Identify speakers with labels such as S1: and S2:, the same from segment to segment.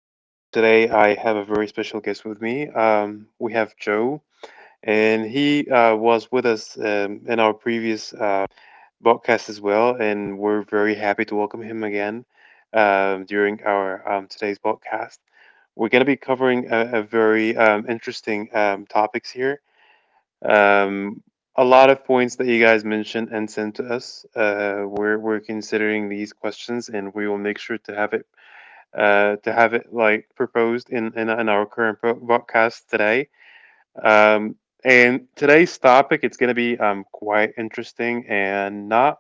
S1: Today I have a very special guest with me. We have Joe, and he was with us in our previous podcast as well, and we're very happy to welcome him again during our today's podcast. We're going to be covering a very interesting topics here. Um, a lot of points that you guys mentioned and sent to us. We're considering these questions, and we will make sure to have it like proposed in in our current podcast today. Um, and today's topic it's going to be quite interesting and not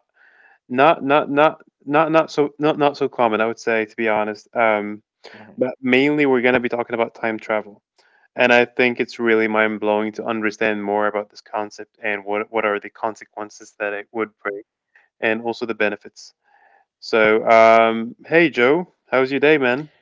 S1: not not not not not so not not so common. I would say to be honest.
S2: Mhm.
S1: But mainly we're going to be talking about time travel. And I think it's really mind blowing to understand more about this concept and what are the consequences that it would bring, and also the benefits. So, hey Joe, how's your day, man?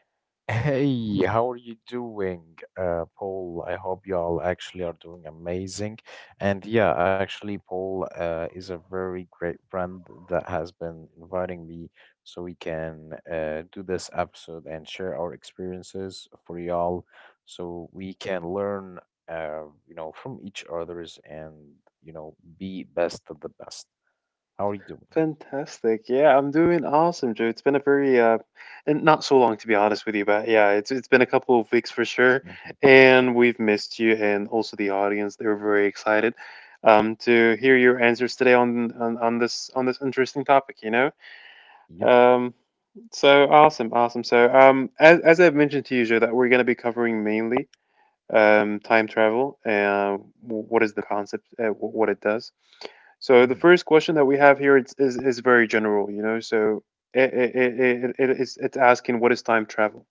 S2: Hey, how are you doing, Paul? I hope y'all actually are doing amazing. And yeah, actually, Paul is a very great friend that has been inviting me so we can do this episode and share our experiences for y'all so we can learn from each other's and be best of the best. How are you doing?
S1: Fantastic. Yeah, I'm doing awesome, Joe. It's been a very and not so long to be honest with you, but yeah, it's been a couple of weeks for sure,
S2: Mhm.
S1: and we've missed you and also the audience. They're very excited to hear your answers today on this on this interesting topic. You know.
S2: Yep.
S1: Um, So awesome, awesome. So as I've mentioned to you, Joe, that we're going to be covering mainly time travel and what is the concept, what it does. So the
S2: Mhm.
S1: first question that we have here is very general, you know. So it's asking what is time travel.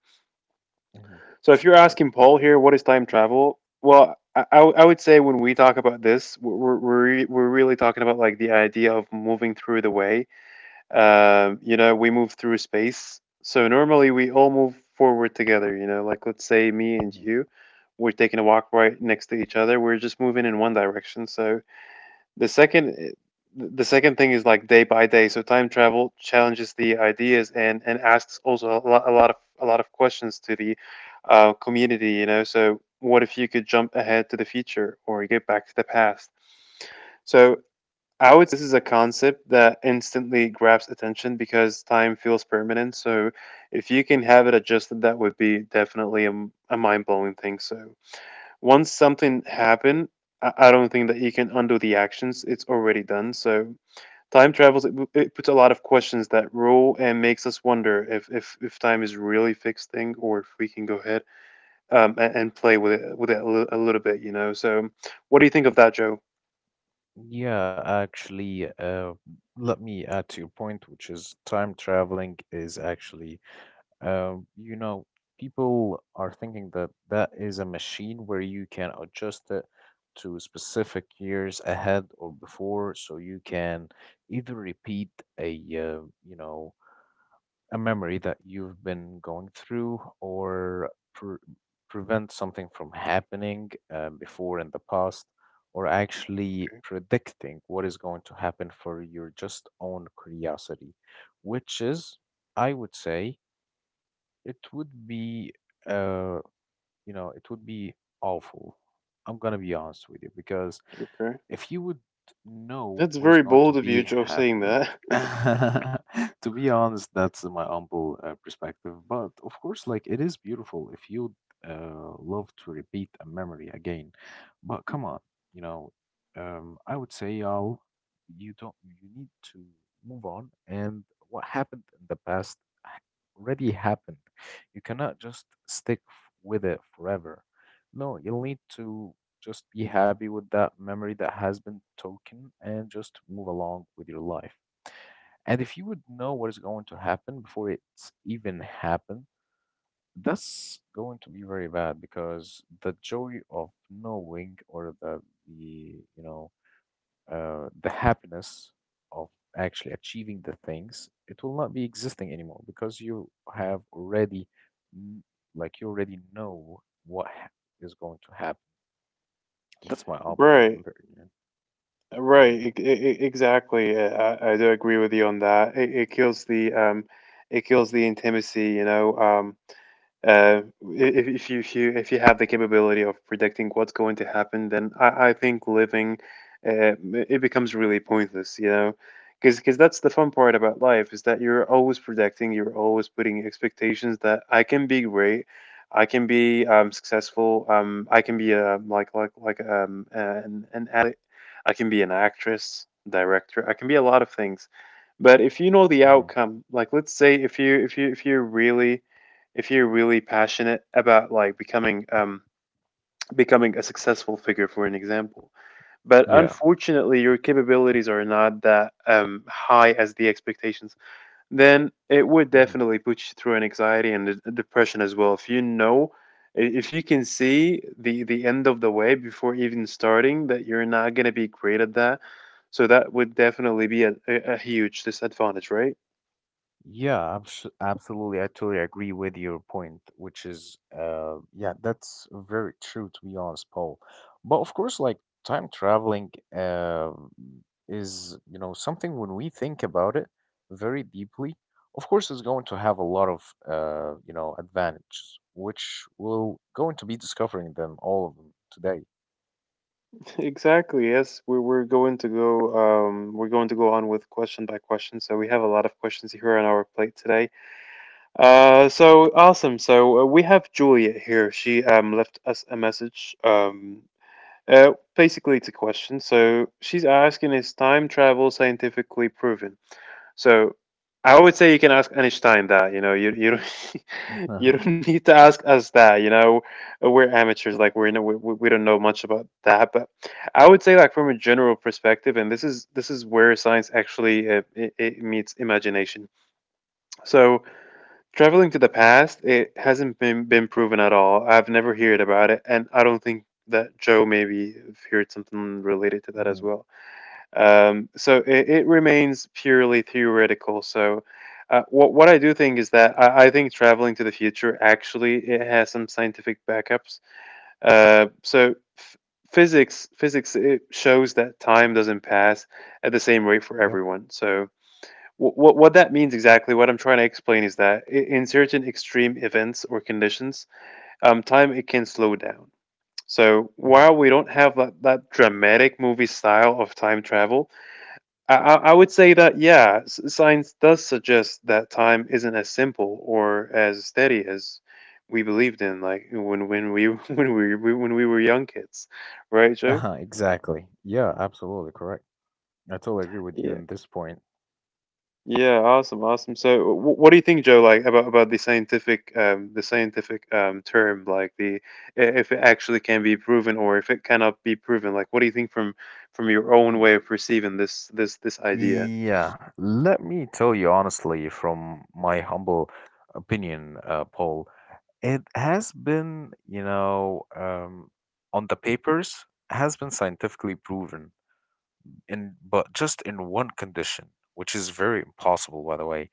S2: Mhm.
S1: So if you're
S2: So,
S1: asking Paul here, what is time travel? Well, I would say when we talk about this, we're really talking about like the idea of moving through the way you know, we move through space. So normally we all move forward together, you know, like let's say me and
S2: Mhm.
S1: you, we're taking a walk right next to each other. We're just moving in one direction. So the second the second thing is like day by day. So time travel challenges the ideas and asks also a lot, a lot of questions to the community, you know. So what if you could jump ahead to the future or get back to the past? So I would say this is a concept that instantly grabs attention because time feels permanent. So if you can have it adjusted, that would be definitely a mind-blowing thing. So once something happened, I don't think that you can undo the actions. It's already done. So time travels, it puts a lot of questions that rule and makes us wonder if time is really fixed thing or if we can go ahead and play with it a little bit, you know. So what do you think of that, Joe?
S2: Yeah, actually, let me add to your point, which is time traveling is actually, um, you know, people are thinking that is a machine where you can adjust it to specific years ahead or before, so you can either repeat a, uh, you know, a memory that you've been going through, or prevent something from happening before in the past, or actually
S1: Okay.
S2: predicting what is going to happen for your just own curiosity, which is, I would say, it would be uh you know it would be awful. I'm gonna be honest with you, because
S1: Okay.
S2: if you would know
S1: That's
S2: what is
S1: very
S2: going to
S1: bold of you,
S2: be
S1: Joe, saying
S2: happening.
S1: that.
S2: To be honest, that's my humble perspective. But of course, like it is beautiful if you love to repeat a memory again. But come on, you know, I would say y'all, you don't, you need to move on. And what happened in the past ha- already happened. You cannot just stick with it forever. No, you'll need to just be happy with that memory that has been taken and just move along with your life. And if you would know what is going to happen before it's even happened, that's going to be very bad, because the joy of knowing, or the the you know the happiness of actually achieving the things, it will not be existing anymore, because you have already kn- like you already know what is going to happen. That's my album.
S1: Right, right,
S2: Mhm.
S1: exactly. I do agree with you on that. It kills the intimacy, you know. Uh, if you if you have the capability of predicting what's going to happen, then I think living uh, it becomes really pointless, you know, because that's the fun part about life is that you're always predicting, you're always putting expectations that I can be great, I can be successful, I can be a like an addict, I can be an actress, director, I can be a lot of things, but if you know the
S2: Mhm.
S1: outcome, like let's say if you really if you're really passionate about like becoming becoming a successful figure for an example but
S2: Yeah.
S1: unfortunately your capabilities are not that high as the expectations then it would
S2: Mhm.
S1: definitely put you through an anxiety and a depression as well if you know if you can see the end of the way before even starting that you're not going to be great at that so that would definitely be a huge disadvantage right
S2: Yeah, absolutely. I totally agree with your point, which is, yeah, that's very true, to be honest, Paul. But of course, like time traveling, is, something when we think about it very deeply. Of course, it's going to have a lot of advantages, which we'll going to be discovering them, all of them today.
S1: Exactly. Yes, we're going to go. We're going to go on with question by question. So we have a lot of questions here on our plate today. So awesome. So we have Julia here. She left us a message. Basically it's a question. So she's asking, is time travel scientifically proven? So I would say you can ask Einstein that. You know, you don't, you don't need to ask us that. You know, we're amateurs. Like we we don't know much about that. But I would say like from a general perspective, and this is where science actually it meets imagination. So traveling to the past, it hasn't been proven at all. I've never heard about it, and I don't think that Joe maybe heard something related to that as
S2: Mhm.
S1: well. So it remains purely theoretical. So what I do think is that I think traveling to the future actually it has some scientific backups. Uh, so f- Physics it shows that time doesn't pass at the same rate for
S2: Yep.
S1: everyone. So what that means exactly, what I'm trying to explain is that in certain extreme events or conditions, time it can slow down. So while
S2: Hmm.
S1: we don't have that dramatic movie style of time travel, I would say that, yeah, science does suggest that time isn't as simple or as steady as we believed in, like when we when we- when we were young kids, right, Joe?
S2: Exactly. Yeah, absolutely correct. I totally agree with you
S1: Yeah,
S2: in this point.
S1: yeah, awesome, awesome. So, what do you think, Joe? Like about the scientific term, like the if it actually can be proven or if it cannot be proven. Like, what do you think from your own
S2: W-
S1: way of perceiving this idea?
S2: Yeah, let me tell you honestly, from my humble opinion, Paul, it has been, on the papers, has been scientifically proven, in but just in one condition, which is very impossible, by the way.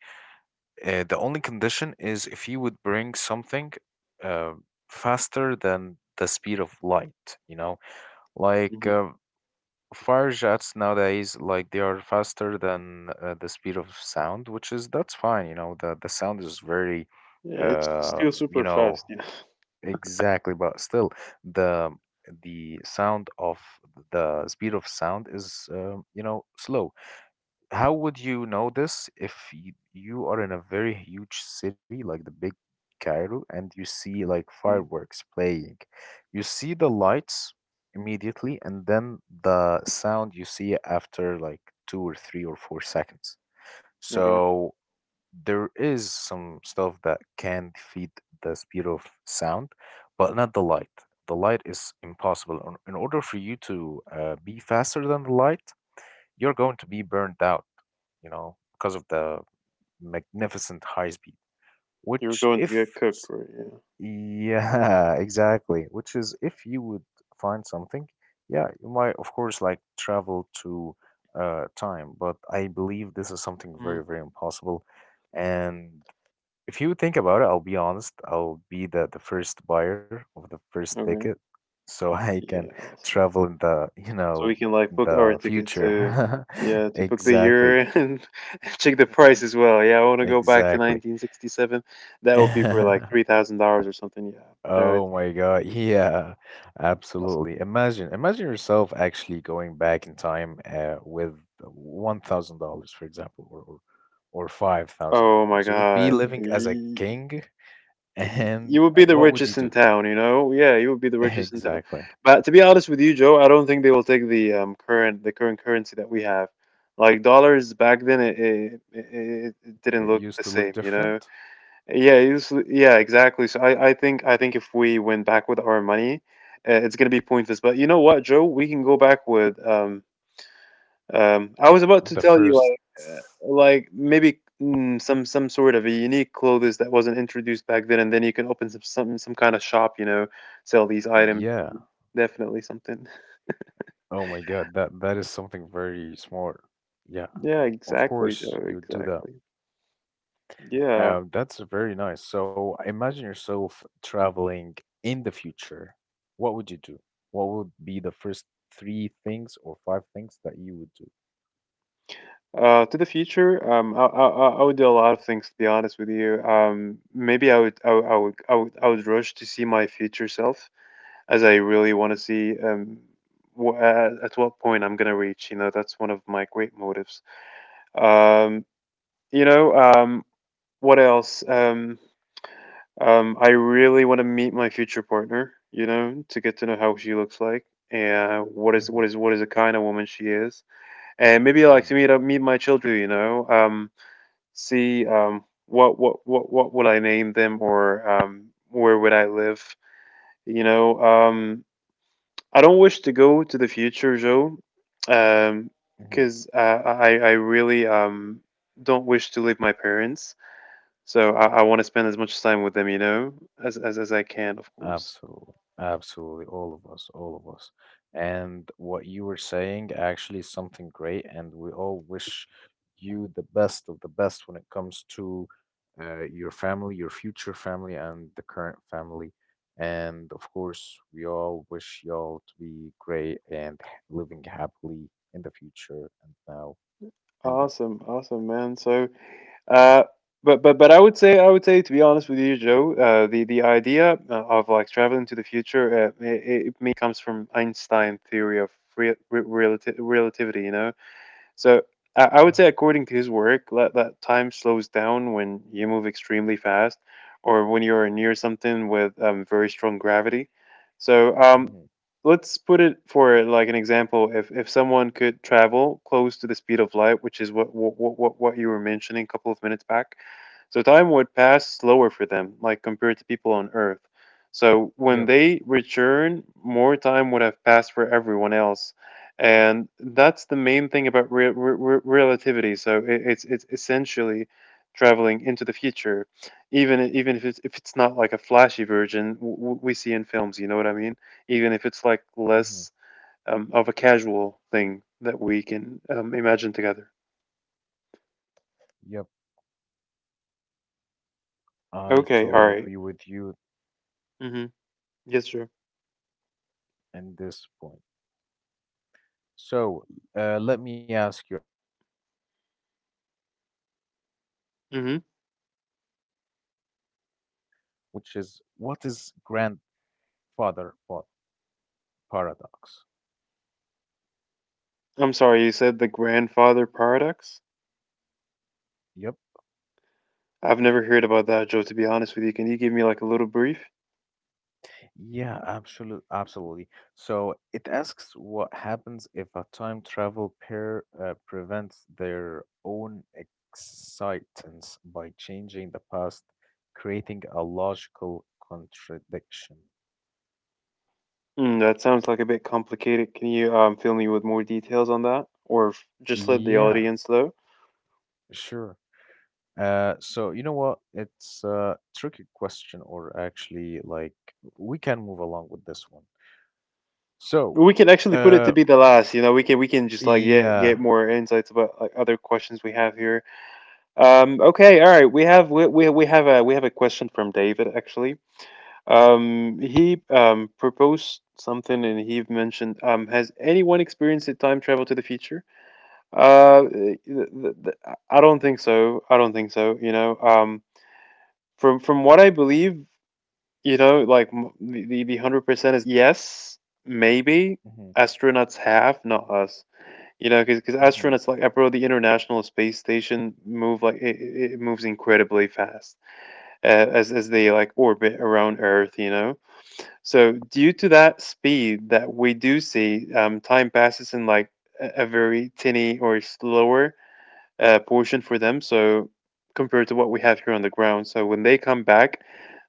S2: The only condition is if you would bring something uh, faster than the speed of light, like
S1: Hmm
S2: uh, Fire jets nowadays, like they are faster than the speed of sound, which is, that's fine. The sound is very,
S1: Yeah, it's
S2: uh,
S1: still
S2: you
S1: super
S2: know,
S1: fast, yeah.
S2: exactly. But still, the the sound of the speed of sound is, slow. How would you know this if you are in a very huge city like the big Cairo and you see like
S1: Mm,
S2: fireworks playing? You see the lights immediately, and then the sound you see after like 2 or 3 or 4 seconds.
S1: okay.
S2: So there is some stuff that can defeat the speed of sound, but not the light. The light is impossible. In order for you to be faster than the light, you're going to be burnt out, because of the magnificent high speed.
S1: You were
S2: Which,
S1: going to
S2: if,
S1: get cooked,
S2: s-
S1: right? Yeah.
S2: Yeah, exactly. Which is, if you would find something, yeah, you might, of course, like travel to time, but I believe this is something very,
S1: Mm.
S2: very impossible. And if you think about it, I'll be honest, I'll be the first buyer of the first ticket,
S1: Okay.
S2: so I can
S1: Yeah. Awesome.
S2: travel in the, you
S1: So we
S2: know,
S1: can like
S2: in
S1: book our
S2: the
S1: ticket to
S2: future.
S1: yeah to book the year
S2: Exactly.
S1: and check the price as well. Yeah, I want to go back to
S2: Exactly.
S1: 1967. That would be for like $3,000 or something. Yeah. No,
S2: Oh
S1: it's
S2: my God. Yeah,
S1: awesome.
S2: absolutely. Imagine, imagine yourself actually going back in time with $1,000, for example, or
S1: Oh my
S2: $5,000. It would be
S1: God.
S2: living as a king.
S1: You
S2: And
S1: would be the
S2: what would
S1: richest
S2: you
S1: in
S2: do?
S1: town, you know? Yeah, you would be the richest in town.
S2: Exactly.
S1: But to be honest with you, Joe, I don't think they will take the current currency that we have. Like dollars back then, it didn't
S2: It
S1: look the
S2: used to
S1: same,
S2: look
S1: you know?
S2: different.
S1: Yeah, it was, yeah, exactly. So I think if we went back with our money, it's gonna be pointless. But you know what, Joe? We can go back with I was about to
S2: The
S1: tell you
S2: first,
S1: like maybe some sort of a unique clothes that wasn't introduced back then, and then you can open some kind of shop, you know, sell these items.
S2: yeah.
S1: Definitely something.
S2: Oh my God, that is something very smart. Yeah,
S1: Yeah,
S2: of
S1: exactly,
S2: course
S1: Joe.
S2: you would do that.
S1: Exactly. Yeah.
S2: That's very nice. So imagine yourself traveling in the future. What would you do? What would be the first three things or five things that you would do?
S1: To the future, I, I would do a lot of things to be honest with you. Maybe I would rush to see my future self as I really want to see at what point I'm gonna reach. You know, that's one of my great motives. Um, you know, what else? I really want to meet my future partner, you know, to get to know how she looks like and
S2: Hmm.
S1: what is the kind of woman she is. And maybe I like to
S2: Hmm.
S1: meet my children, you know, see what would I name them or where would I live? You know, I don't wish to go to the future, Joe, um,
S2: Hmm.
S1: because I really don't wish to leave my parents. So I want to spend as much time with them, you know, as I can, of course.
S2: Absolutely. Absolutely. All of us, all of us. And what you were saying actually is something great, and we all wish you the best of the best when it comes to your family, your future family, and the current family. And of course, we all wish y'all to be great and living happily in the future and now. I'm back.
S1: Awesome, awesome, man. So, uh, but I would say to be honest with you, Joe, the idea of like traveling to the future, it mainly comes from Einstein theory of re re relati relativity, you know. So I would say,
S2: Hmm.
S1: according to his work, that, that time slows down when you move extremely fast or when you're near something with very strong gravity. So
S2: Hmm.
S1: let's put it for like an example. If someone could travel close to the speed of light, which is what you were mentioning a couple of minutes back, so time would pass slower for them, like compared to people on Earth. So when
S2: Yep.
S1: they return, more time would have passed for everyone else, and that's the main thing about relativity. So it's essentially traveling into the future, even if it's not like a flashy version we see in films. You know what I mean? Even if it's like
S2: Hmm.
S1: less of a casual thing that we can imagine together.
S2: Yep. I
S1: Okay.
S2: totally
S1: All
S2: agree
S1: right.
S2: with you
S1: Mm-hmm. Yes, sure.
S2: in this point. So, let me ask you actually about two certain points,
S1: Mm-hmm.
S2: which is, what is grandfather pa- paradox?
S1: I'm sorry. You said the grandfather paradox.
S2: Yep.
S1: I've never heard about that, Joe. To be honest with you, can you give me like a little brief?
S2: Yeah, absolutely, absolutely. So it asks what happens if a time travel pair prevents their own existence by changing the past, creating a logical contradiction.
S1: Mm, that sounds like a bit complicated. Can you fill me with more details on that, or just let the
S2: Yeah,
S1: audience know?
S2: sure. So you know what? It's a tricky question, or actually, like, we can move along with this one. So,
S1: We can actually put it to
S2: uh,
S1: be the last. You know, we can just like get
S2: yeah.
S1: more insights about like other questions we have here. Okay, all right. We have a question from David actually. He proposed something and he mentioned, has anyone experienced a time travel to the future? Th th th I don't think so. I don't think so. You know, from what I believe. You know, the 100% is yes, maybe
S2: Hmm.
S1: astronauts have, not us. You know, because
S2: Hmm.
S1: astronauts like, bro, the International Space Station move like it moves incredibly fast as they like orbit around Earth. You know, so due to that speed that we do see, time passes in like a very tinny or slower portion for them. So compared to what we have here on the ground, so when they come back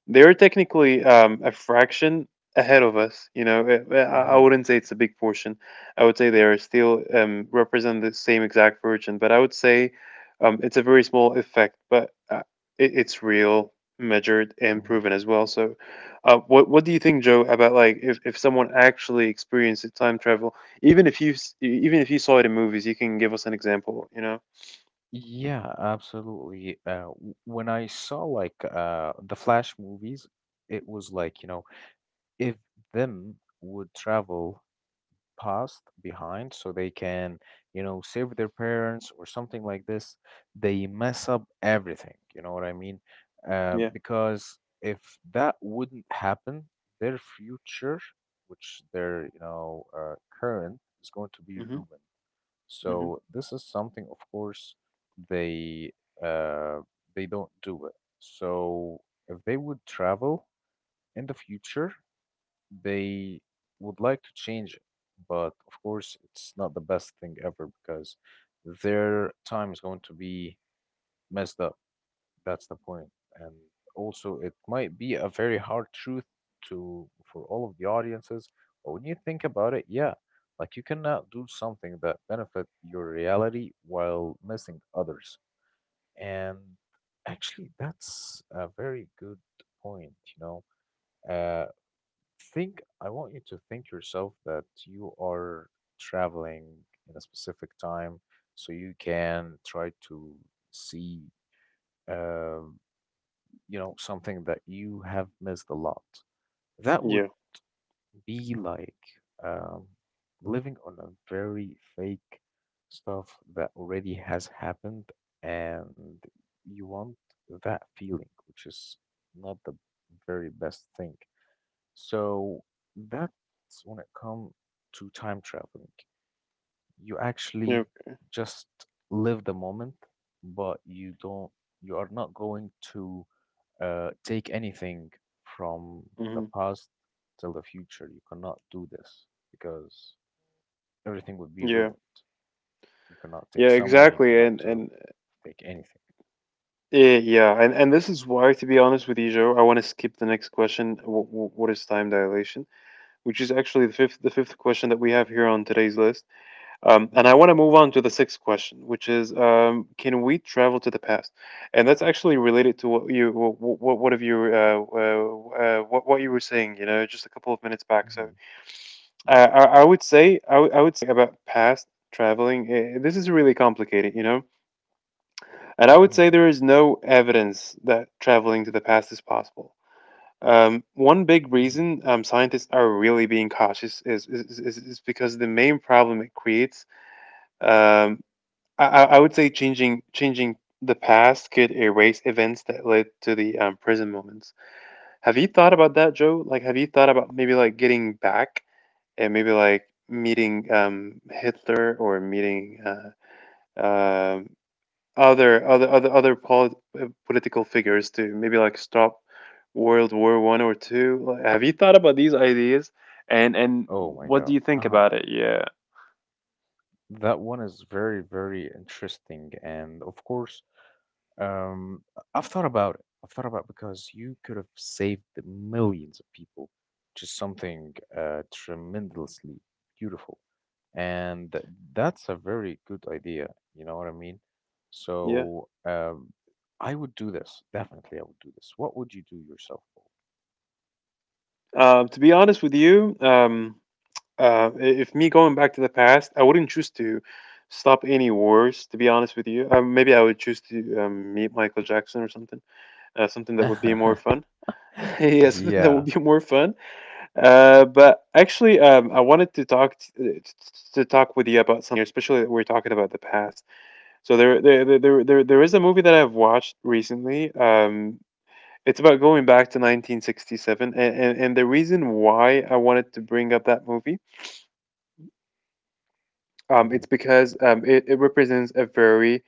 S1: they're technically a fraction ahead of us. You know, I
S2: Hmm.
S1: wouldn't say it's a big portion. I would say they are still represent the same exact virgin, but I would say it's a very small effect, but it, it's real, measured, and
S2: Hmm.
S1: proven as well. So, what do you think, Joe, about like if someone actually experienced it, time travel, even if you even if you saw it in movies, you can give us an example. You know?
S2: Yeah, absolutely. When I saw like the Flash movies, it was like, if them would travel past behind so they can, save their parents or something like this, they mess up everything. You know what I mean?
S1: Yeah.
S2: Because if that wouldn't happen, their future, which their, current is going to be
S1: Mm-hmm.
S2: ruined.
S1: Mm-hmm.
S2: So this is something, of course, they uh, they don't do it. So if they would travel in the future, they would like to change it. But of course, it's not the best thing ever, because their time is going to be messed up. That's the point. And also, it might be a very hard truth to for all of the audiences, but when you think about it, yeah, like you cannot do something that benefit your reality while missing others. And actually, that's a very good point, know. Uh, think I want you to think yourself that you are traveling in a specific time so you can try to see. Um, something that you have missed a lot. That
S1: Yeah.
S2: would be like um, living on a very fake stuff that already has happened, and you want that feeling, which is not the very best thing. So that's when it comes to time traveling. You
S1: Yeah.
S2: actually just live the moment, but you are not going to take anything from the
S1: Mm-hmm.
S2: past till the future. You cannot do this because everything would be
S1: Yeah.
S2: ruined. You cannot take
S1: Yeah,
S2: someone, you
S1: exactly.
S2: cannot to
S1: And
S2: take anything.
S1: Yeah, and this is why, to be honest with you, Joe, I want to skip the next question. W w What is time dilation? Which is actually the fifth question that we have here on today's list. And I
S2: Hmm.
S1: want to move on to the sixth question, which is, can we travel to the past? And that's actually related to what you what have you what you were saying, you know, just a couple of minutes back. So
S2: Hmm. Yep.
S1: I would say about past traveling. This is really complicated, you know, and I would say
S2: Hmm.
S1: there is no evidence that traveling to the past is possible. One big
S2: Hmm.
S1: reason scientists are really being cautious is because the main problem it creates. Um, I would say changing the past could erase events that led to the prison moments. Have you thought about that, Joe? Like, have you thought about maybe like getting back and maybe like meeting, Hitler, or meeting um other political figures to maybe like stop World War One or two. Like, have you thought about these ideas? And
S2: Oh my
S1: what do
S2: God.
S1: you think
S2: Uh-huh.
S1: about it? Yeah,
S2: That one is very, very interesting. And of course, um, I've thought about it. I've thought about, because you could have saved the millions of people, which is something tremendously beautiful. And that's a very good idea. You know what I mean?
S1: yeah.
S2: So I would do this. Definitely, I would do this. What would you do yourself,
S1: To be honest with you, if me going back to the past, I wouldn't choose to stop any wars. To be honest with you, maybe I would choose to meet Michael Jackson or something. Something that would be more
S2: Paul?
S1: fun. Yeah, something that would
S2: Yeah.
S1: be more fun. But actually, I wanted to to talk with you about something, especially that we're talking about the past. So there is a movie that I've watched recently. It's about going back to 1967, and the reason why I wanted to bring up that movie,
S2: Mhm.
S1: it's because it, it represents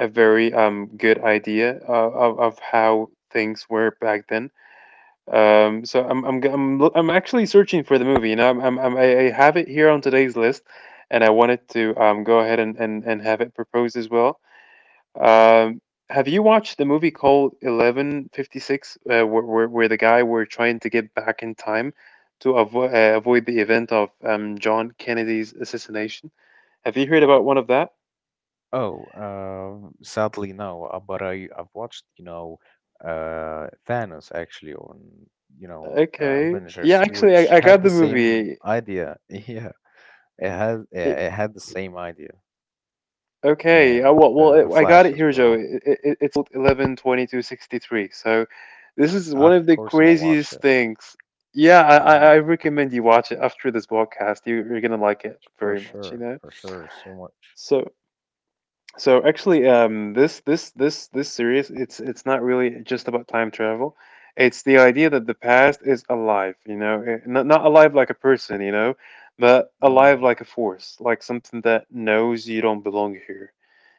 S1: a very good idea of how things were back then. So I'm g- I'm lo- I'm actually searching for the movie. You know, I have it here on today's list, and I wanted to go ahead and and have it proposed as well. Um, have you watched the movie called 11/56, where the guy were trying to get back in time to avoid avoid the event of John Kennedy's assassination? Have you heard about one of that?
S2: Oh, sadly, no. But I've watched, Thanos actually on,
S1: Okay, yeah,
S2: Avengers,
S1: actually,
S2: which
S1: I
S2: had
S1: got
S2: the
S1: the
S2: same
S1: movie.
S2: idea. Yeah, it had the same idea,
S1: Okay,
S2: and
S1: well, well,
S2: the the
S1: I got
S2: Flash
S1: it
S2: as
S1: here, Joe.
S2: well.
S1: It's 11/22/63. So, this is one of
S2: Of
S1: the
S2: course, I'm gonna watch
S1: craziest
S2: it.
S1: things. Yeah,
S2: Mm-hmm.
S1: I recommend you watch it after this podcast. You're gonna like it very much, you know.
S2: For sure, so much.
S1: So, so actually, this series, it's not really just about time travel. It's the idea that the past is alive, you know, not not alive like a person, you know, but alive
S2: Mhm.
S1: like a force, like something that knows you don't belong here.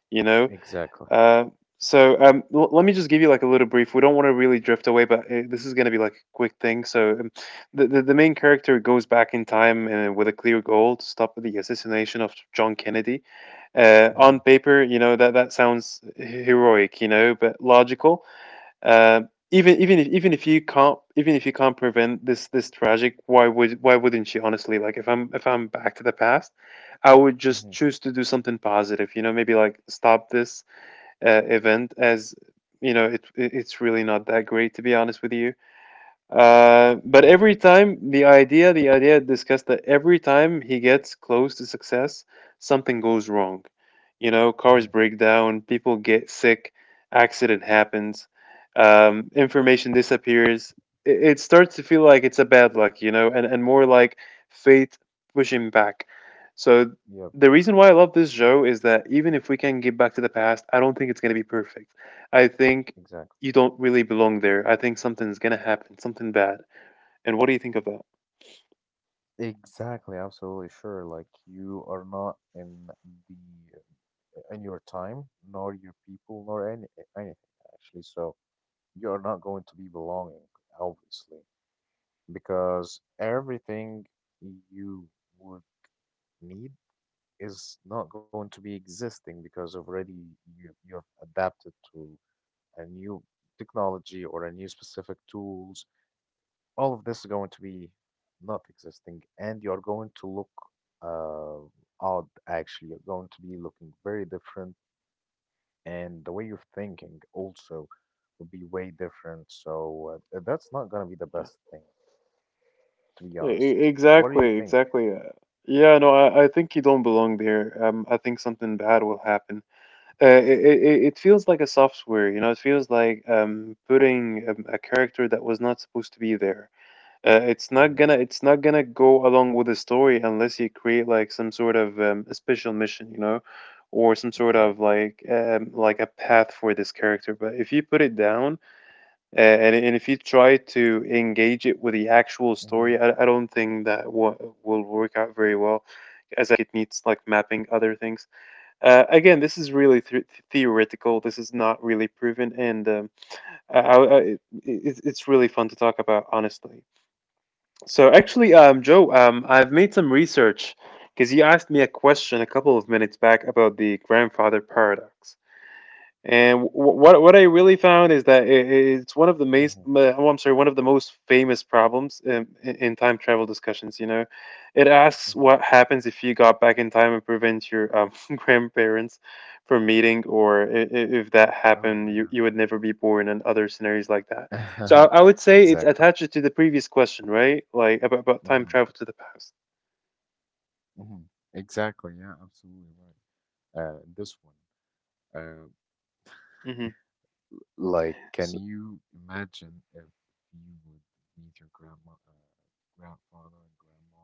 S1: You know,
S2: Exactly.
S1: uh, so let me just give you like a little brief. We don't want to really drift away, but this is going to be like a quick thing. So the main character goes back in time with a clear goal to stop the assassination of John Kennedy.
S2: Mhm.
S1: On paper, you know that that sounds heroic, you know, but logical. Uh, even even if you can't even if you can't prevent this this tragic, why wouldn't you honestly? Like if I'm back to the past, I would just
S2: Mhm.
S1: choose to do something positive, you know, maybe like stop this event as you know it it's really not that great to be honest with you, but
S2: Mhm.
S1: every time the idea discussed that every time he gets close to success, something goes wrong. You know, cars
S2: Mhm.
S1: break down, people get sick, accident happens, information disappears. It starts to feel like it's a bad luck, you know, and more like fate pushing back. So
S2: Yep,
S1: the reason why I love this show is that even if we can get back to the past, I don't think it's going to be perfect. I think
S2: exactly.
S1: you don't really belong there. I think something's gonna happen, something bad. And what do you think of that?
S2: Exactly, absolutely sure. Like, you are not in your time, nor your people, nor anything actually. So you are not going to be belonging, obviously, because everything you would need is not going to be existing, because already you have adapted to a new technology or a new specific tools, all of this is going to be not existing, and you're going to look odd actually. You're going to be looking very different, and the way you're thinking also will be way different. So that's not going to be the
S1: Yeah,
S2: best thing, to be honest. What do you
S1: exactly,
S2: think?
S1: exactly. Yeah, no, I think you don't belong there. I think something bad will happen. Uh, it feels like a software, you know, it feels like putting a character that was not supposed to be there.
S2: Hmm.
S1: It's not gonna go along with the story unless you create like some sort of a special mission, you know, or some sort
S2: Exactly.
S1: of like a path for this character. But if you put it down, and if you try to engage it with the actual
S2: Hmm.
S1: story, I don't think that wa will work out very well, as like it needs like mapping other things. Again, this is really th theoretical. This is not really proven, and I, I, I, it, it's really fun to talk about, honestly. So actually, Joe, I've made some research because you asked me a question a couple of minutes back about the grandfather paradox. And what I really found is that it's one of the
S2: Hmm.
S1: most famous problems in, in time travel discussions. You know, it asks
S2: Hmm.
S1: what happens if you got back in time and prevent your grandparents from meeting, or if that
S2: Oh,
S1: happened, you would never be born, and other scenarios like that. So
S2: yeah.
S1: I would say it's
S2: Exactly.
S1: attached to the previous question, right? Like about time
S2: Hmm.
S1: travel to the past.
S2: Hmm. Exactly. Yeah, absolutely right. This one. Uh,
S1: Hmm.
S2: like, can you imagine if you would meet your grandma, grandfather, and grandma?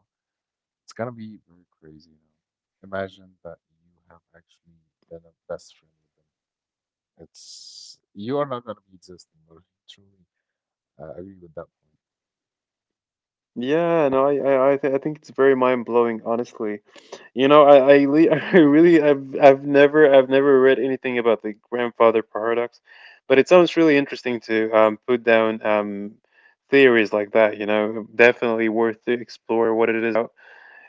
S2: It's gonna be very crazy. Imagine that you have actually been a best friend with them. It's, you are not gonna be existing, but truly, I agree with that point.
S1: Yeah, no, I think it's very mind-blowing, honestly. You know, I, le I really I've never read anything about the grandfather paradox, but it sounds really interesting to put down theories like that. You know, definitely worth to explore what it is about.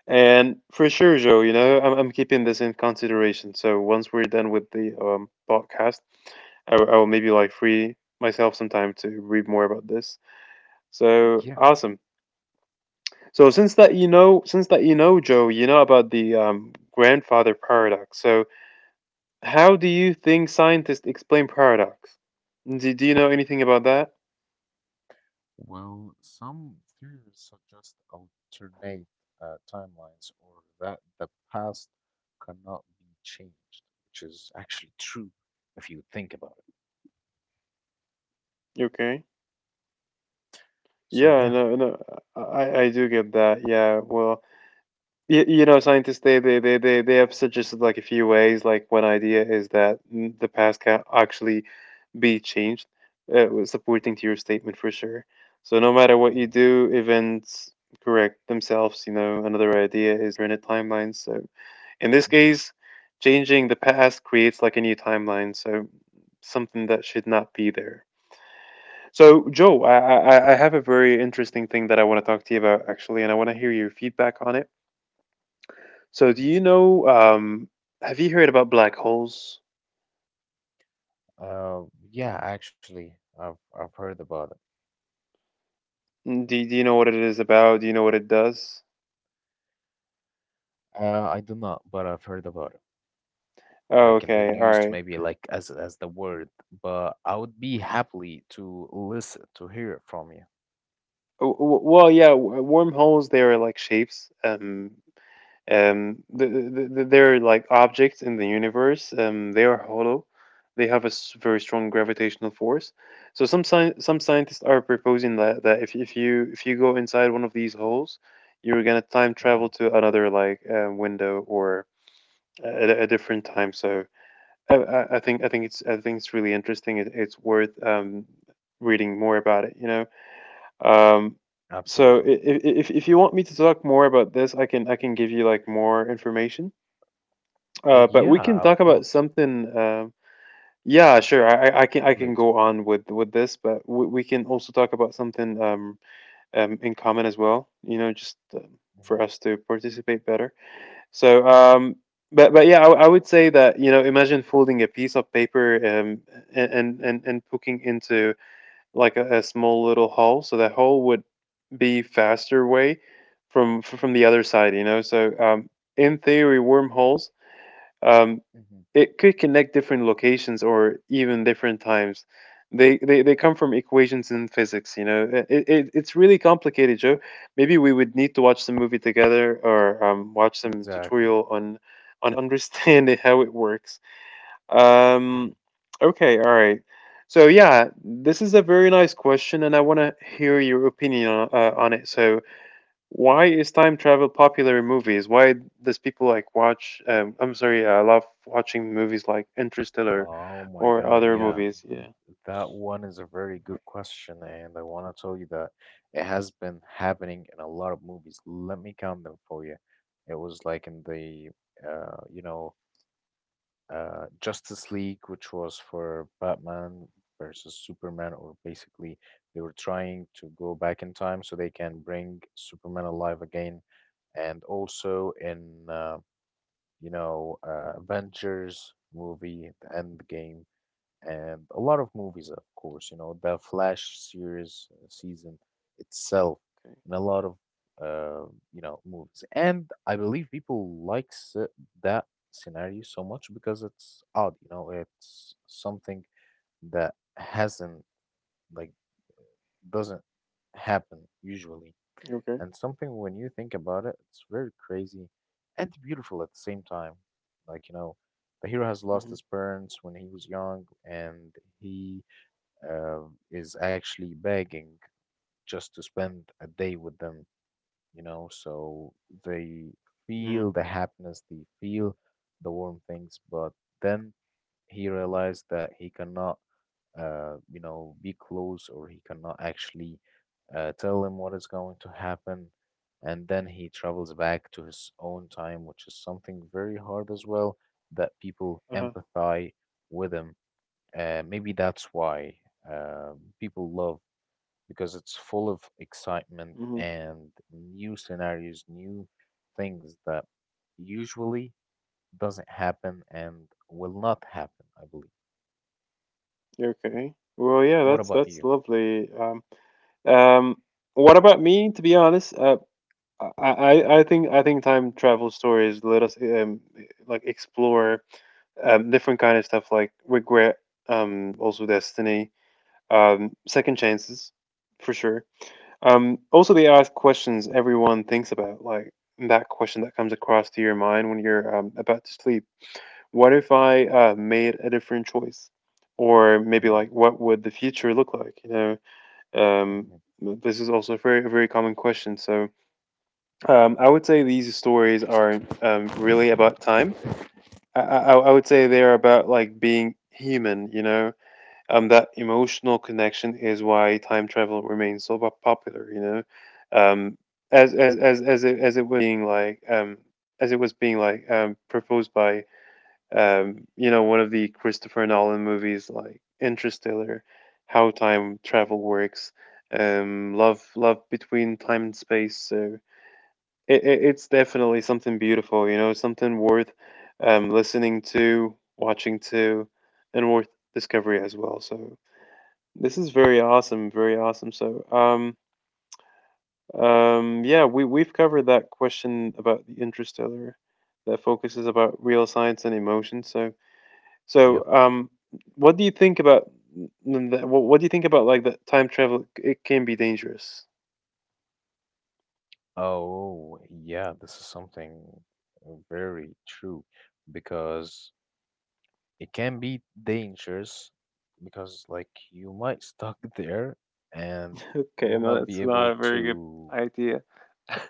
S1: And for sure, Joe, you know, I'm keeping this in consideration. So once we're done with the podcast, I will maybe like free myself some time to read more about this. So
S2: Yeah.
S1: awesome. So since Joe, you know about the grandfather paradox. So how do you think scientists explain paradox? Do you know anything about that?
S2: Well, some theories suggest alternate timelines, or that the past cannot be changed, which is actually true if you think about it.
S1: Okay.
S2: So
S1: Yeah,
S2: yeah.
S1: no, I do get that. Yeah, well, you know, scientists they have suggested like a few ways. Like one idea is that the past can actually be changed. Supporting to your statement for sure. So no matter what you
S2: hmm
S1: do, events correct themselves. You know, another idea is rented timelines. So in this
S2: hmm
S1: case, changing the past creates like a new timeline. So something that should not be there. So Joe, I have a very interesting thing that I want to talk to you about actually, and I want to hear your feedback on it. So do
S2: hmm
S1: you know? Have you heard about black holes?
S2: Uh, yeah, actually, I've heard about it.
S1: Do you know what it is about? Do you know what it does?
S2: I do not, but I've heard about it,
S1: Oh,
S2: like in the
S1: okay, all
S2: news,
S1: right.
S2: maybe like as the word.
S1: W-
S2: But I would be happily to listen to hear it from you.
S1: Well, yeah, wormholes they are like shapes. They're like objects in the universe. They are hollow. They have a very strong gravitational force. So some scientists are proposing that if you go inside one of these holes, you're gonna time travel
S2: Hmm.
S1: to another like window or a different time. So I think it's really interesting. It's worth reading more about it, you know. Um, so
S2: Absolutely.
S1: if you want me to talk more about this, I can give you like more information.
S2: Uh,
S1: But we
S2: Yeah,
S1: can
S2: I
S1: talk
S2: would
S1: about
S2: love to.
S1: something. Yeah, sure. I can
S2: Later.
S1: go on with this, but we can also talk about something in common as well. You know, just for
S2: hmm
S1: us to participate better. So but yeah, I would say that you know, imagine folding a piece of paper and and poking into like a small little hole. So the hole would be faster way from the other side, you know. So in theory wormholes um,
S2: hmm
S1: it could connect different locations or even different times. They come from equations in physics, you know. It's really complicated, Joe. Maybe we would need to watch the movie together or watch some
S2: Exactly.
S1: tutorial on understanding how it works.
S2: Hmm.
S1: um, okay, all right. So yeah, this is a very nice question and I want to hear your opinion on it. So why is time travel popular in movies? Why does people like watch? I'm sorry, I love watching movies like Interstellar
S2: Oh my
S1: or
S2: God,
S1: other
S2: yeah.
S1: movies. Yeah.
S2: That one is a very good question, and I want to tell you that it has been happening in a lot of movies. Let me count them for you. It was like in the uh, you know, Justice League, which was for Batman versus Superman, or basically they were trying to go back in time so they can bring Superman alive again. And also in Avengers movie, the Endgame, and a lot of movies, of course, the Flash series season itself,
S1: Okay.
S2: and a lot of, uh, movies. And I believe people like that scenario so much because it's odd, it's something that hasn't, like, doesn't happen usually,
S1: You okay.
S2: and something when you think about it, it's very crazy and beautiful at the same time. Like, the hero has lost
S1: Mhm.
S2: his parents when he was young, and he uh, is actually begging just to spend a day with them, so they
S1: Mhm.
S2: feel the happiness, they feel the warm things, but then he realized that he cannot be close, or he cannot actually tell him what is going to happen. And then he travels back to his own time, which is something very hard as well, that people
S1: Uh-huh.
S2: empathize with him. Maybe that's why uh, people love, because it's full of excitement
S1: Mhm.
S2: and new scenarios, new things that usually doesn't happen and will not happen, I believe.
S1: You okay. Well, yeah,
S2: What about
S1: that's
S2: you?
S1: lovely. Um, what about me? To be honest, I, I think time travel stories let us like explore different kind of stuff like regret, also destiny, second chances, for sure. Also, they ask questions everyone thinks about, like that question that comes across to your mind when you're about to sleep. What if I made a different choice? Or maybe
S2: Mm.
S1: like, what would the future look like? You know, um,
S2: Mm-hmm.
S1: this is also a very common question. So
S2: Mm-hmm.
S1: I would say these stories are really about time. I would say they're about like being human, you know, that emotional connection is why time travel remains so popular. You know, um, as it was being like as it was being like proposed by you know one of the Christopher Nolan movies like Interstellar, how time travel works, love between time and space. So it's definitely something beautiful. You know, something worth listening to, watching to, and worth discovery as well. So this is very awesome, very awesome. So, yeah, we we've covered that question about the interstellar that focuses about real science and emotion. So, so
S2: Yep.
S1: what do you think about that? What do you think about like that time travel? It can be dangerous.
S2: Oh, yeah, this is something very true because it can be dangerous because like you might stuck there and
S1: Okay,
S2: you'll
S1: no,
S2: not be
S1: that's not
S2: able
S1: a very good
S2: to
S1: idea.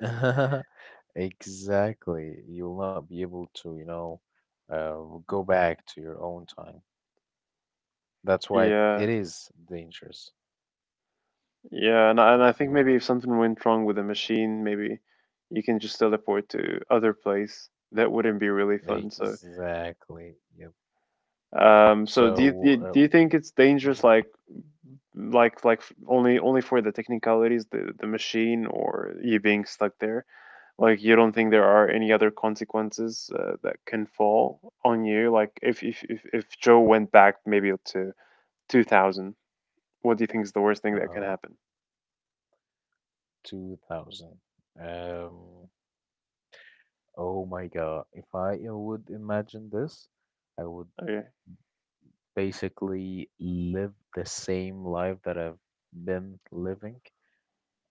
S2: exactly. You'll not be able to, uh, go back to your own time. That's why it,
S1: Yeah,
S2: it is dangerous.
S1: yeah, and I think
S2: People
S1: maybe if something went wrong with the machine, maybe you can just teleport to other place. That wouldn't be really fun. So.
S2: Exactly. Yep.
S1: So
S2: So,
S1: do you think it's dangerous
S2: mhm.
S1: like like like only for the technicalities the machine or you being stuck there? Like you don't think there are any other consequences that can fall on you? Like if Joe went back maybe to 2000, what do you think is the worst thing that can
S2: Uh-oh.
S1: happen?
S2: 2000. Um, oh my God. If I would imagine this, I would
S1: Okay,
S2: basically live the same life that I've been living.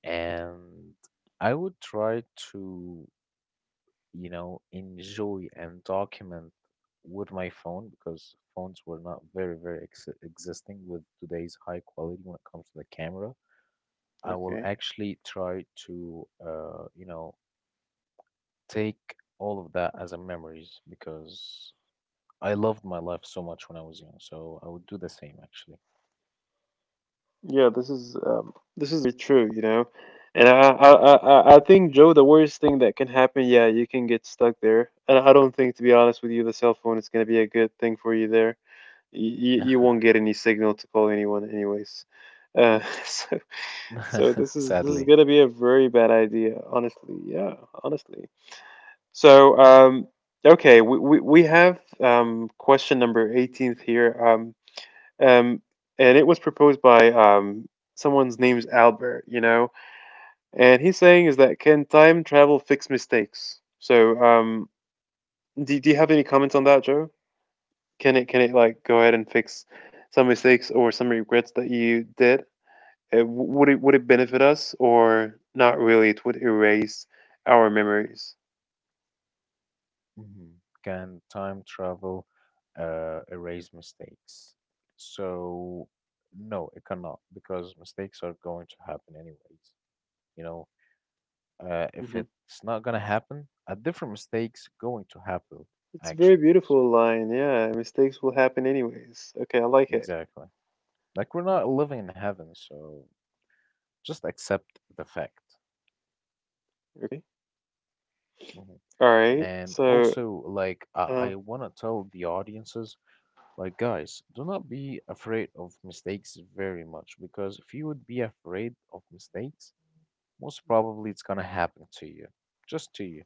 S2: And I would try to, enjoy and document with my phone because phones were not very, very ex existing with today's high quality when it comes to the camera. I will
S1: okay.
S2: actually try to, take all of that as a memories because I loved my life so much when I was young, so I would do the same actually.
S1: Yeah, this is very true, you know. And I think Joe, the worst thing that can happen, yeah, you can get stuck there. And I don't think, to be honest with you, the cell phone is gonna be a good thing for you there. You won't get any signal to call anyone, anyways. So this is
S2: Sadly.
S1: gonna be a very bad idea, honestly. Yeah, honestly. So okay, we have question number 18th here. Um, and it was proposed by someone's name's Albert, you know. And he's saying is that can time travel fix mistakes? So, do you have any comments on that, Joe? Can it like go ahead and fix some mistakes or some regrets that you did? Uh, would it benefit us or not really? It would erase our memories.
S2: Mhm. Can time travel erase mistakes? So, no, it cannot because mistakes are going to happen anyways. You know, if
S1: Hmm.
S2: it's not gonna happen, a different mistake's going to happen,
S1: It's a very
S2: actually. So,
S1: beautiful line. Yeah, mistakes will happen anyways. Okay, I like it.
S2: exactly. Like we're not living in heaven, so just accept the fact.
S1: Okay.
S2: Mhm.
S1: All right.
S2: And
S1: So,
S2: also, like, I
S1: uh,
S2: want to tell the audiences, like, guys, do not be afraid of mistakes very much because if you would be afraid of mistakes, most probably it's gonna happen to you, just to you.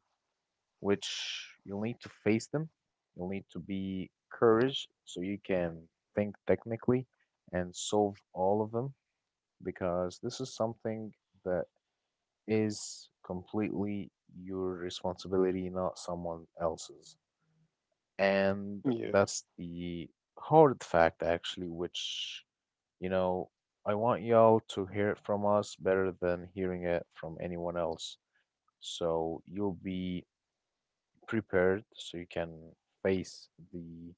S2: Which you'll need to face them. You'll need to be courage so you can think technically and solve all of them because this is something that is completely your responsibility, not someone else's. And
S1: yeah.
S2: that's the hard fact, actually, which, you know, I want y'all to hear it from us better than hearing it from anyone else. So you'll be prepared so you can face the,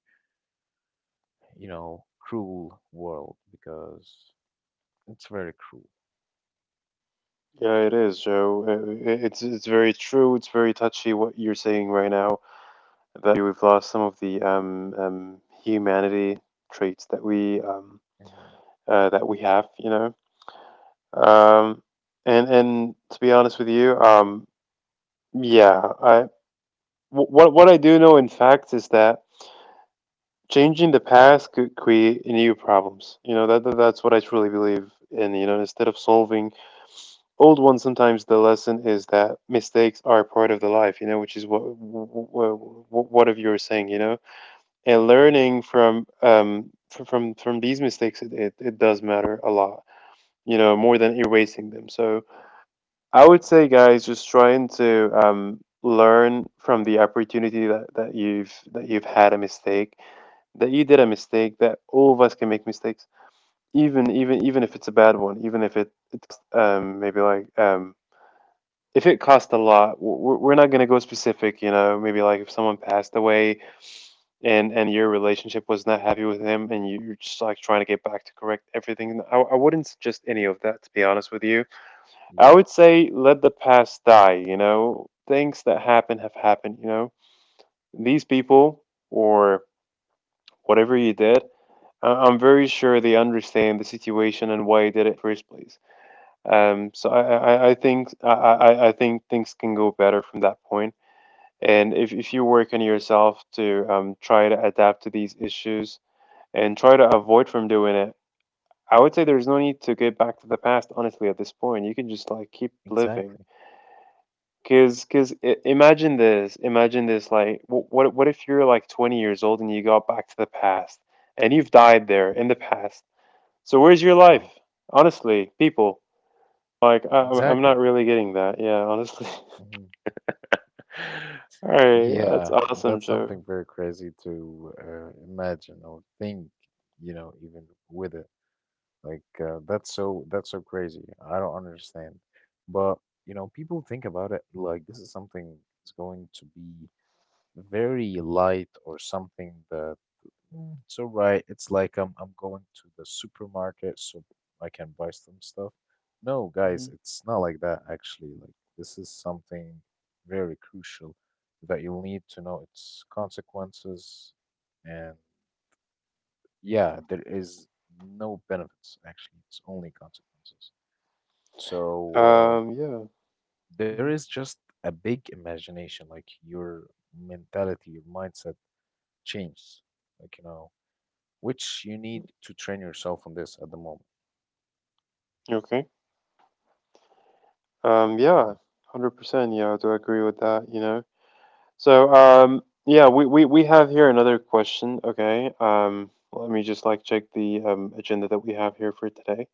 S2: cruel world because it's very cruel.
S1: Yeah, it is, Joe. It's very true. It's very touchy what you're saying right now that we've lost some of the humanity traits
S2: Mm-hmm.
S1: that we have, you know. Um, and to be honest with you, yeah, what I do know in fact is that changing the past could create new problems. You know that's what I truly believe in. You know, instead of solving old one sometimes the lesson is that mistakes are part of the life, you know, which is what of you were saying, you know. And
S2: Mm-hmm.
S1: learning from from these mistakes, it does matter a lot, you know, more than erasing them. So I would say guys just trying to learn from the opportunity that you've had a mistake, that you did a mistake, that all of us can make mistakes. Even if it's a bad one, even if it, it maybe like if it cost a lot, we're not going to go specific. You know, maybe like if someone passed away and your relationship was not happy with him, and you're just like trying to get back to correct everything. I wouldn't suggest any of that, to be honest with you. I
S2: Yep,
S1: would say let the past die. You know, things that happen have happened. You know, these people or whatever you did. I'm very sure they understand the situation and why you did it in the first place. So I think things can go better from that point. And if you work on yourself to try to adapt to these issues and try to avoid from doing it, I would say there's no need to get back to the past, honestly, at this point. You can just like keep living.
S2: exactly.
S1: Imagine this, like, what if you're like 20 years old and you got back to the past and you've died there in the past? So where's your life?
S2: Oh,
S1: Honestly, people, like, I'm
S2: exactly.
S1: not really getting that. Yeah, honestly.
S2: Hmm.
S1: All right,
S2: Yeah,
S1: that's awesome,
S2: that's
S1: Joe.
S2: something very crazy to imagine or think, even with it. Like that's so crazy. I don't understand. But, people think about it like this is something that's going to be very light or something that so right, it's like I'm going to the supermarket so I can buy some stuff. No, guys,
S1: Mhm.
S2: it's not like that actually. Like this is something very crucial that you'll need to know its consequences. And yeah, there is no benefits actually. It's only consequences. So
S1: Yeah.
S2: there is
S1: Mhm.
S2: just a big imagination, like your mentality, your mindset changes. Like you know which you need to train yourself on this at the moment.
S1: Okay. Yeah,
S2: Mhm,
S1: 100%. Yeah, I do agree with that, you know. So, yeah, we have here another question. Okay. Let me just like check the agenda that we have here for today.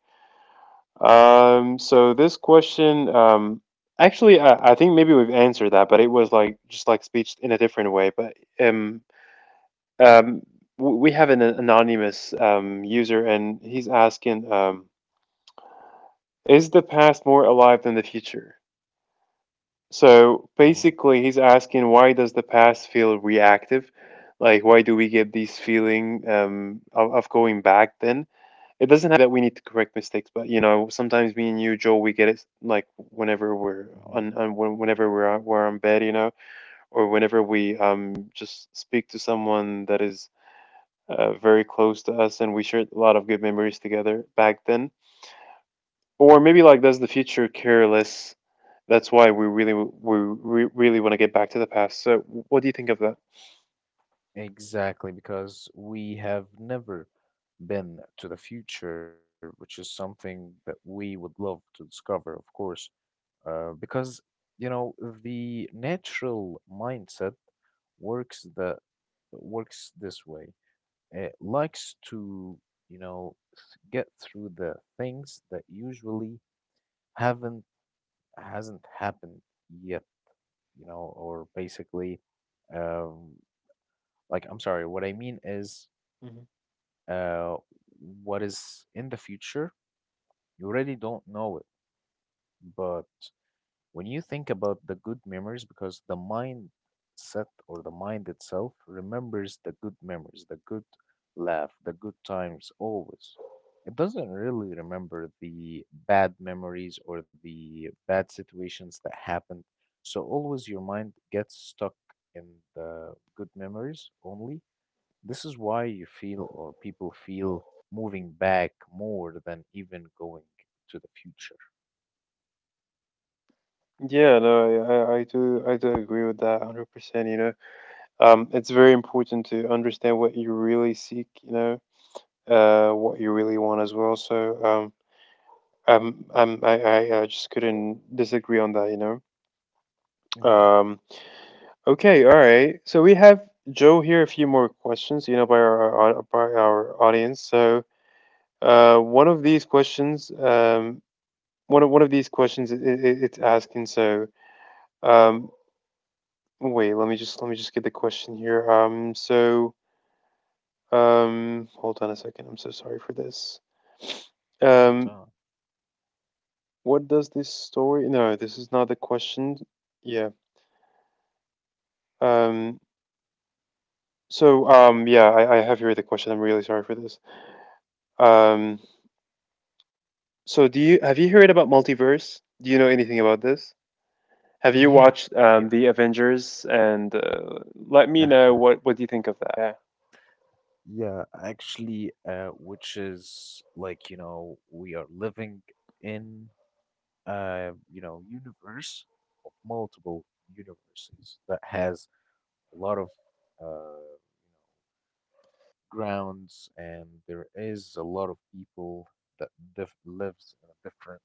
S1: So this question, actually, I think maybe we've answered that, but it was like just like speech in a different way. Um, we have an anonymous user, and he's asking, is the past more alive than the future? So
S2: mm,
S1: basically, he's asking why does the past feel reactive? Like, why do we get these feeling of going back then? It doesn't have that we need to correct mistakes, but you know, sometimes me and you, Joel, we get it like whenever we're
S2: mhm.
S1: whenever we're on bed, you know, or whenever we just speak to someone that is very close to us, and we shared a lot of good memories together back then or maybe like that's the future careless. That's why we really really want to get back to the past. So what do you think of that?
S2: Exactly, because we have never been to the future, which is something that we would love to discover, of course, because you know the natural mindset works the works this way. It likes to you know get through the things that usually haven't hasn't happened yet. Or basically, um, like, I'm sorry, what I mean is,
S1: hmm
S2: uh, what is in the future, you already don't know it, but when you think about the good memories, because the mindset or the mind itself remembers the good memories, the good laugh, the good times always, it doesn't really remember the bad memories or the bad situations that happened. So always your mind gets stuck in the good memories only. This is why you feel, or people feel, moving back more than even going to the future
S1: Yeah, no, I do agree with that 100%, you know. It's very important to understand what you really seek, you know, what you really want as well. So um, I'm I'm I just couldn't disagree on that, you know.
S2: hmm
S1: Um, okay, all right. So we have Joe here a few more questions, you know, by our by our audience. So Uh, one of these questions, um, one of these questions, it's asking. So, um, wait, let me just get the question here. Hold on a second. I'm so sorry for this.
S2: Take your
S1: Um,
S2: time.
S1: what does this story? No, this is not the question. Yeah. Um, yeah, I have here the question. I'm really sorry for this. Um, do you have you heard about multiverse? Do you know anything about this? Have you
S2: Yeah,
S1: watched
S2: yeah.
S1: the Avengers? And let me know what do you think of that. Yeah.
S2: Yeah, actually, which is like, we are living in universe of multiple universes that has a lot of uh, you know, grounds, and there is a lot of people that diff lives in a different,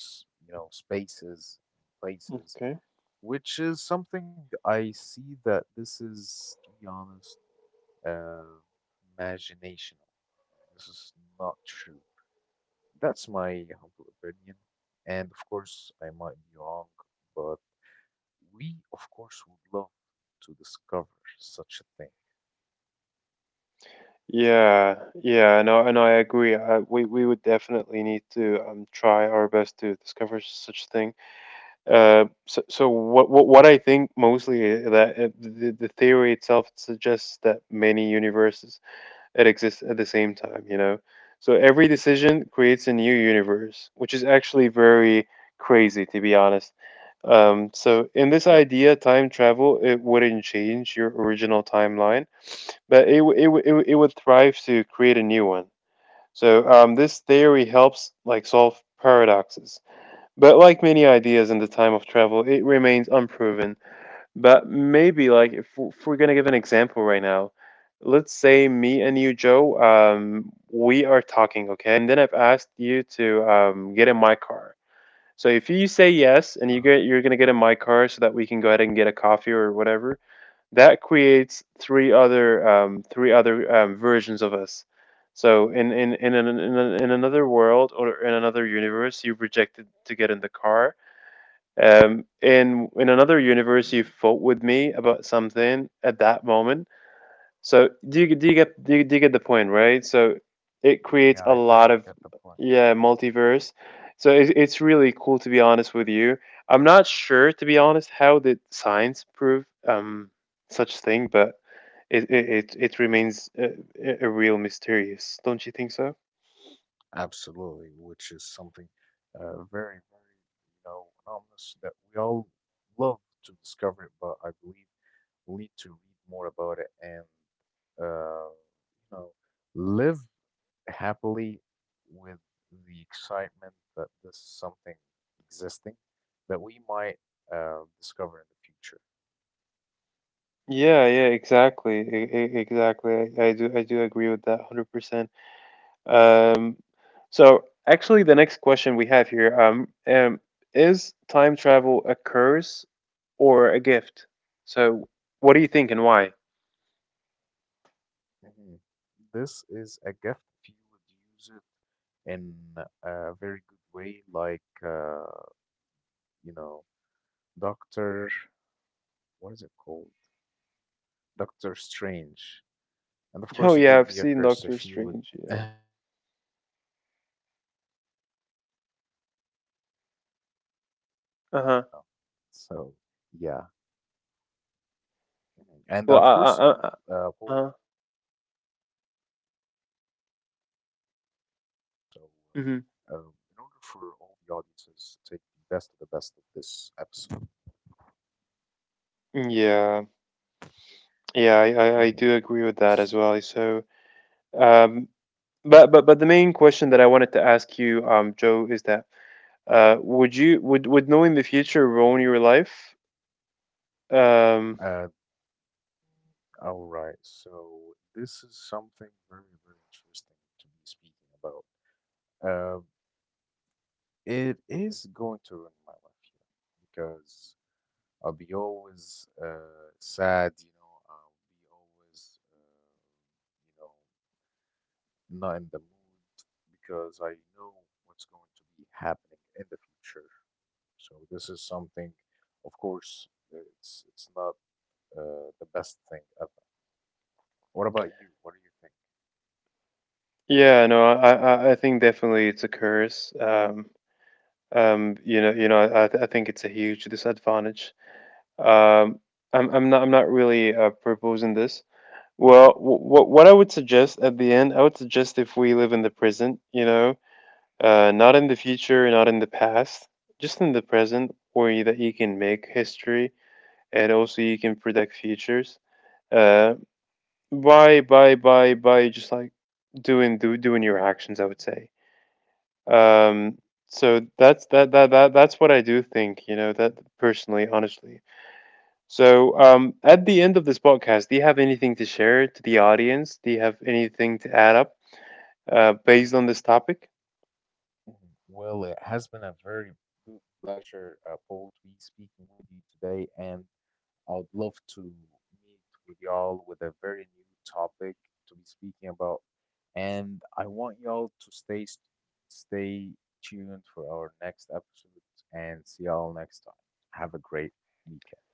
S2: spaces and places,
S1: Okay.
S2: which is something I see that this is, to be honest uh, imaginational. This is not true. That's my humble opinion. And of course, I might be wrong, but we, of course, would love to discover such a thing.
S1: Yeah, yeah, no. I agree. We would definitely need to try our best to discover such thing. What I think mostly is that the theory itself suggests that many universes it exists at the same time, you know? So every decision creates a new universe, which is actually very crazy, to be honest. So in this
S2: Yep,
S1: idea, time travel, it wouldn't change your original timeline, but it would thrive to create a new one.
S2: yep.
S1: This theory helps like solve paradoxes. But like many ideas in the time of travel, it remains unproven. But maybe like if we're gonna give an example right now,
S2: Mhm,
S1: let's say me and you, Joe, we are talking, okay? And then I've asked you to get in my car. So if you say yes and
S2: uh-huh.
S1: you're gonna get in my car so that we can go ahead and get a coffee or whatever,
S2: hmm
S1: that creates three other versions of us. So in another world or in another universe, you rejected to get in the car, in another universe, you fought with me about something at that moment. So
S2: hmm
S1: do you get the point, right? So it creates
S2: Yeah,
S1: a
S2: I
S1: lot
S2: totally
S1: of
S2: get the point.
S1: yeah multiverse. So it, it's really cool to be honest with you. I'm not sure to be honest how did science prove such thing, but it remains a real mysterious. Don't you think so?
S2: Absolutely, which is something very, very, anonymous that we all love to discover it, but I believe we need to read more about it and, uh, you know, live happily with the excitement that this is something existing that we might discover in the future.
S1: Yeah, yeah, exactly. Exactly. I do agree with that 100%. Um Actually the next question we have here is time travel a curse or a gift? So what do you think and why?
S2: Mhm. This is a gift if you would use it in a very good way, like, you know, Doctor, what is it called? Doctor Strange. And
S1: Oh
S2: of
S1: yeah,
S2: course,
S1: I've
S2: it would
S1: seen
S2: be a
S1: Doctor
S2: curse if you
S1: Strange.
S2: would,
S1: Yeah.
S2: yeah, if it would be a curse if you would use it like Thanos. So yeah.
S1: Uh-huh.
S2: Mhm. And of course, Paul,
S1: Well,
S2: I believe like our
S1: I
S2: time
S1: uh-huh.
S2: is very very limited, so uh, um, in order for all the
S1: Mhm.
S2: audiences to take the best of this episode.
S1: Yeah.
S2: Mhm.
S1: Yeah, I do agree with that as well. Um but the main question that I wanted to ask you Joe is that would you would knowing the future ruin your life? Um,
S2: Uh, all right. So this is something very, very interesting to be speaking about. Um, it is going to ruin my life, here because I'll be always sad. I'll be always, you not in the mood because I know what's going to be happening in the future. So this is something, of course, it's not the best thing ever. What about you? What do you think?
S1: yeah, no, I think definitely it's a curse. You know, I think it's a huge disadvantage. Um, I'm not really proposing this. Well, what I would suggest at the end, I would suggest if we live in the present, you know, not in the future, not in the past, just in the present, that you can make history and also you can predict futures. Uh, by just like doing your actions I would say um so that that's what I do think you know that personally honestly so at the end of this podcast do you have anything to share to the audience do you have anything to add up
S2: Ooh.
S1: based on this topic.
S2: Well, it has been a very good pleasure, Paul, to be speaking with you today, and I'd love to meet with y'all with a very new topic to be speaking about. And I want y'all to stay tuned for our next episode and see y'all next time. Have a great weekend.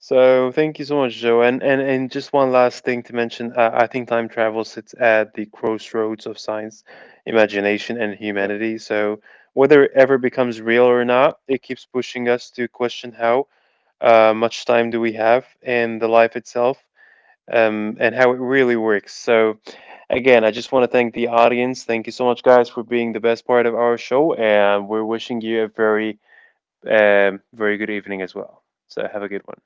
S1: So thank you so much, Joe. And and just one last thing to mention. I think time travel sits at the crossroads of science, imagination, and
S2: Yep.
S1: humanity. So whether it ever becomes real or not, it keeps pushing us to question how much time do we have in the life itself, and
S2: Mhm.
S1: how it really works. So again, I just want to thank the audience. Thank you so much, guys, for being the best part of our show, and we're wishing you a very very good evening as well. So have a good one.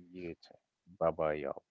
S2: You too. Bye bye, y'all.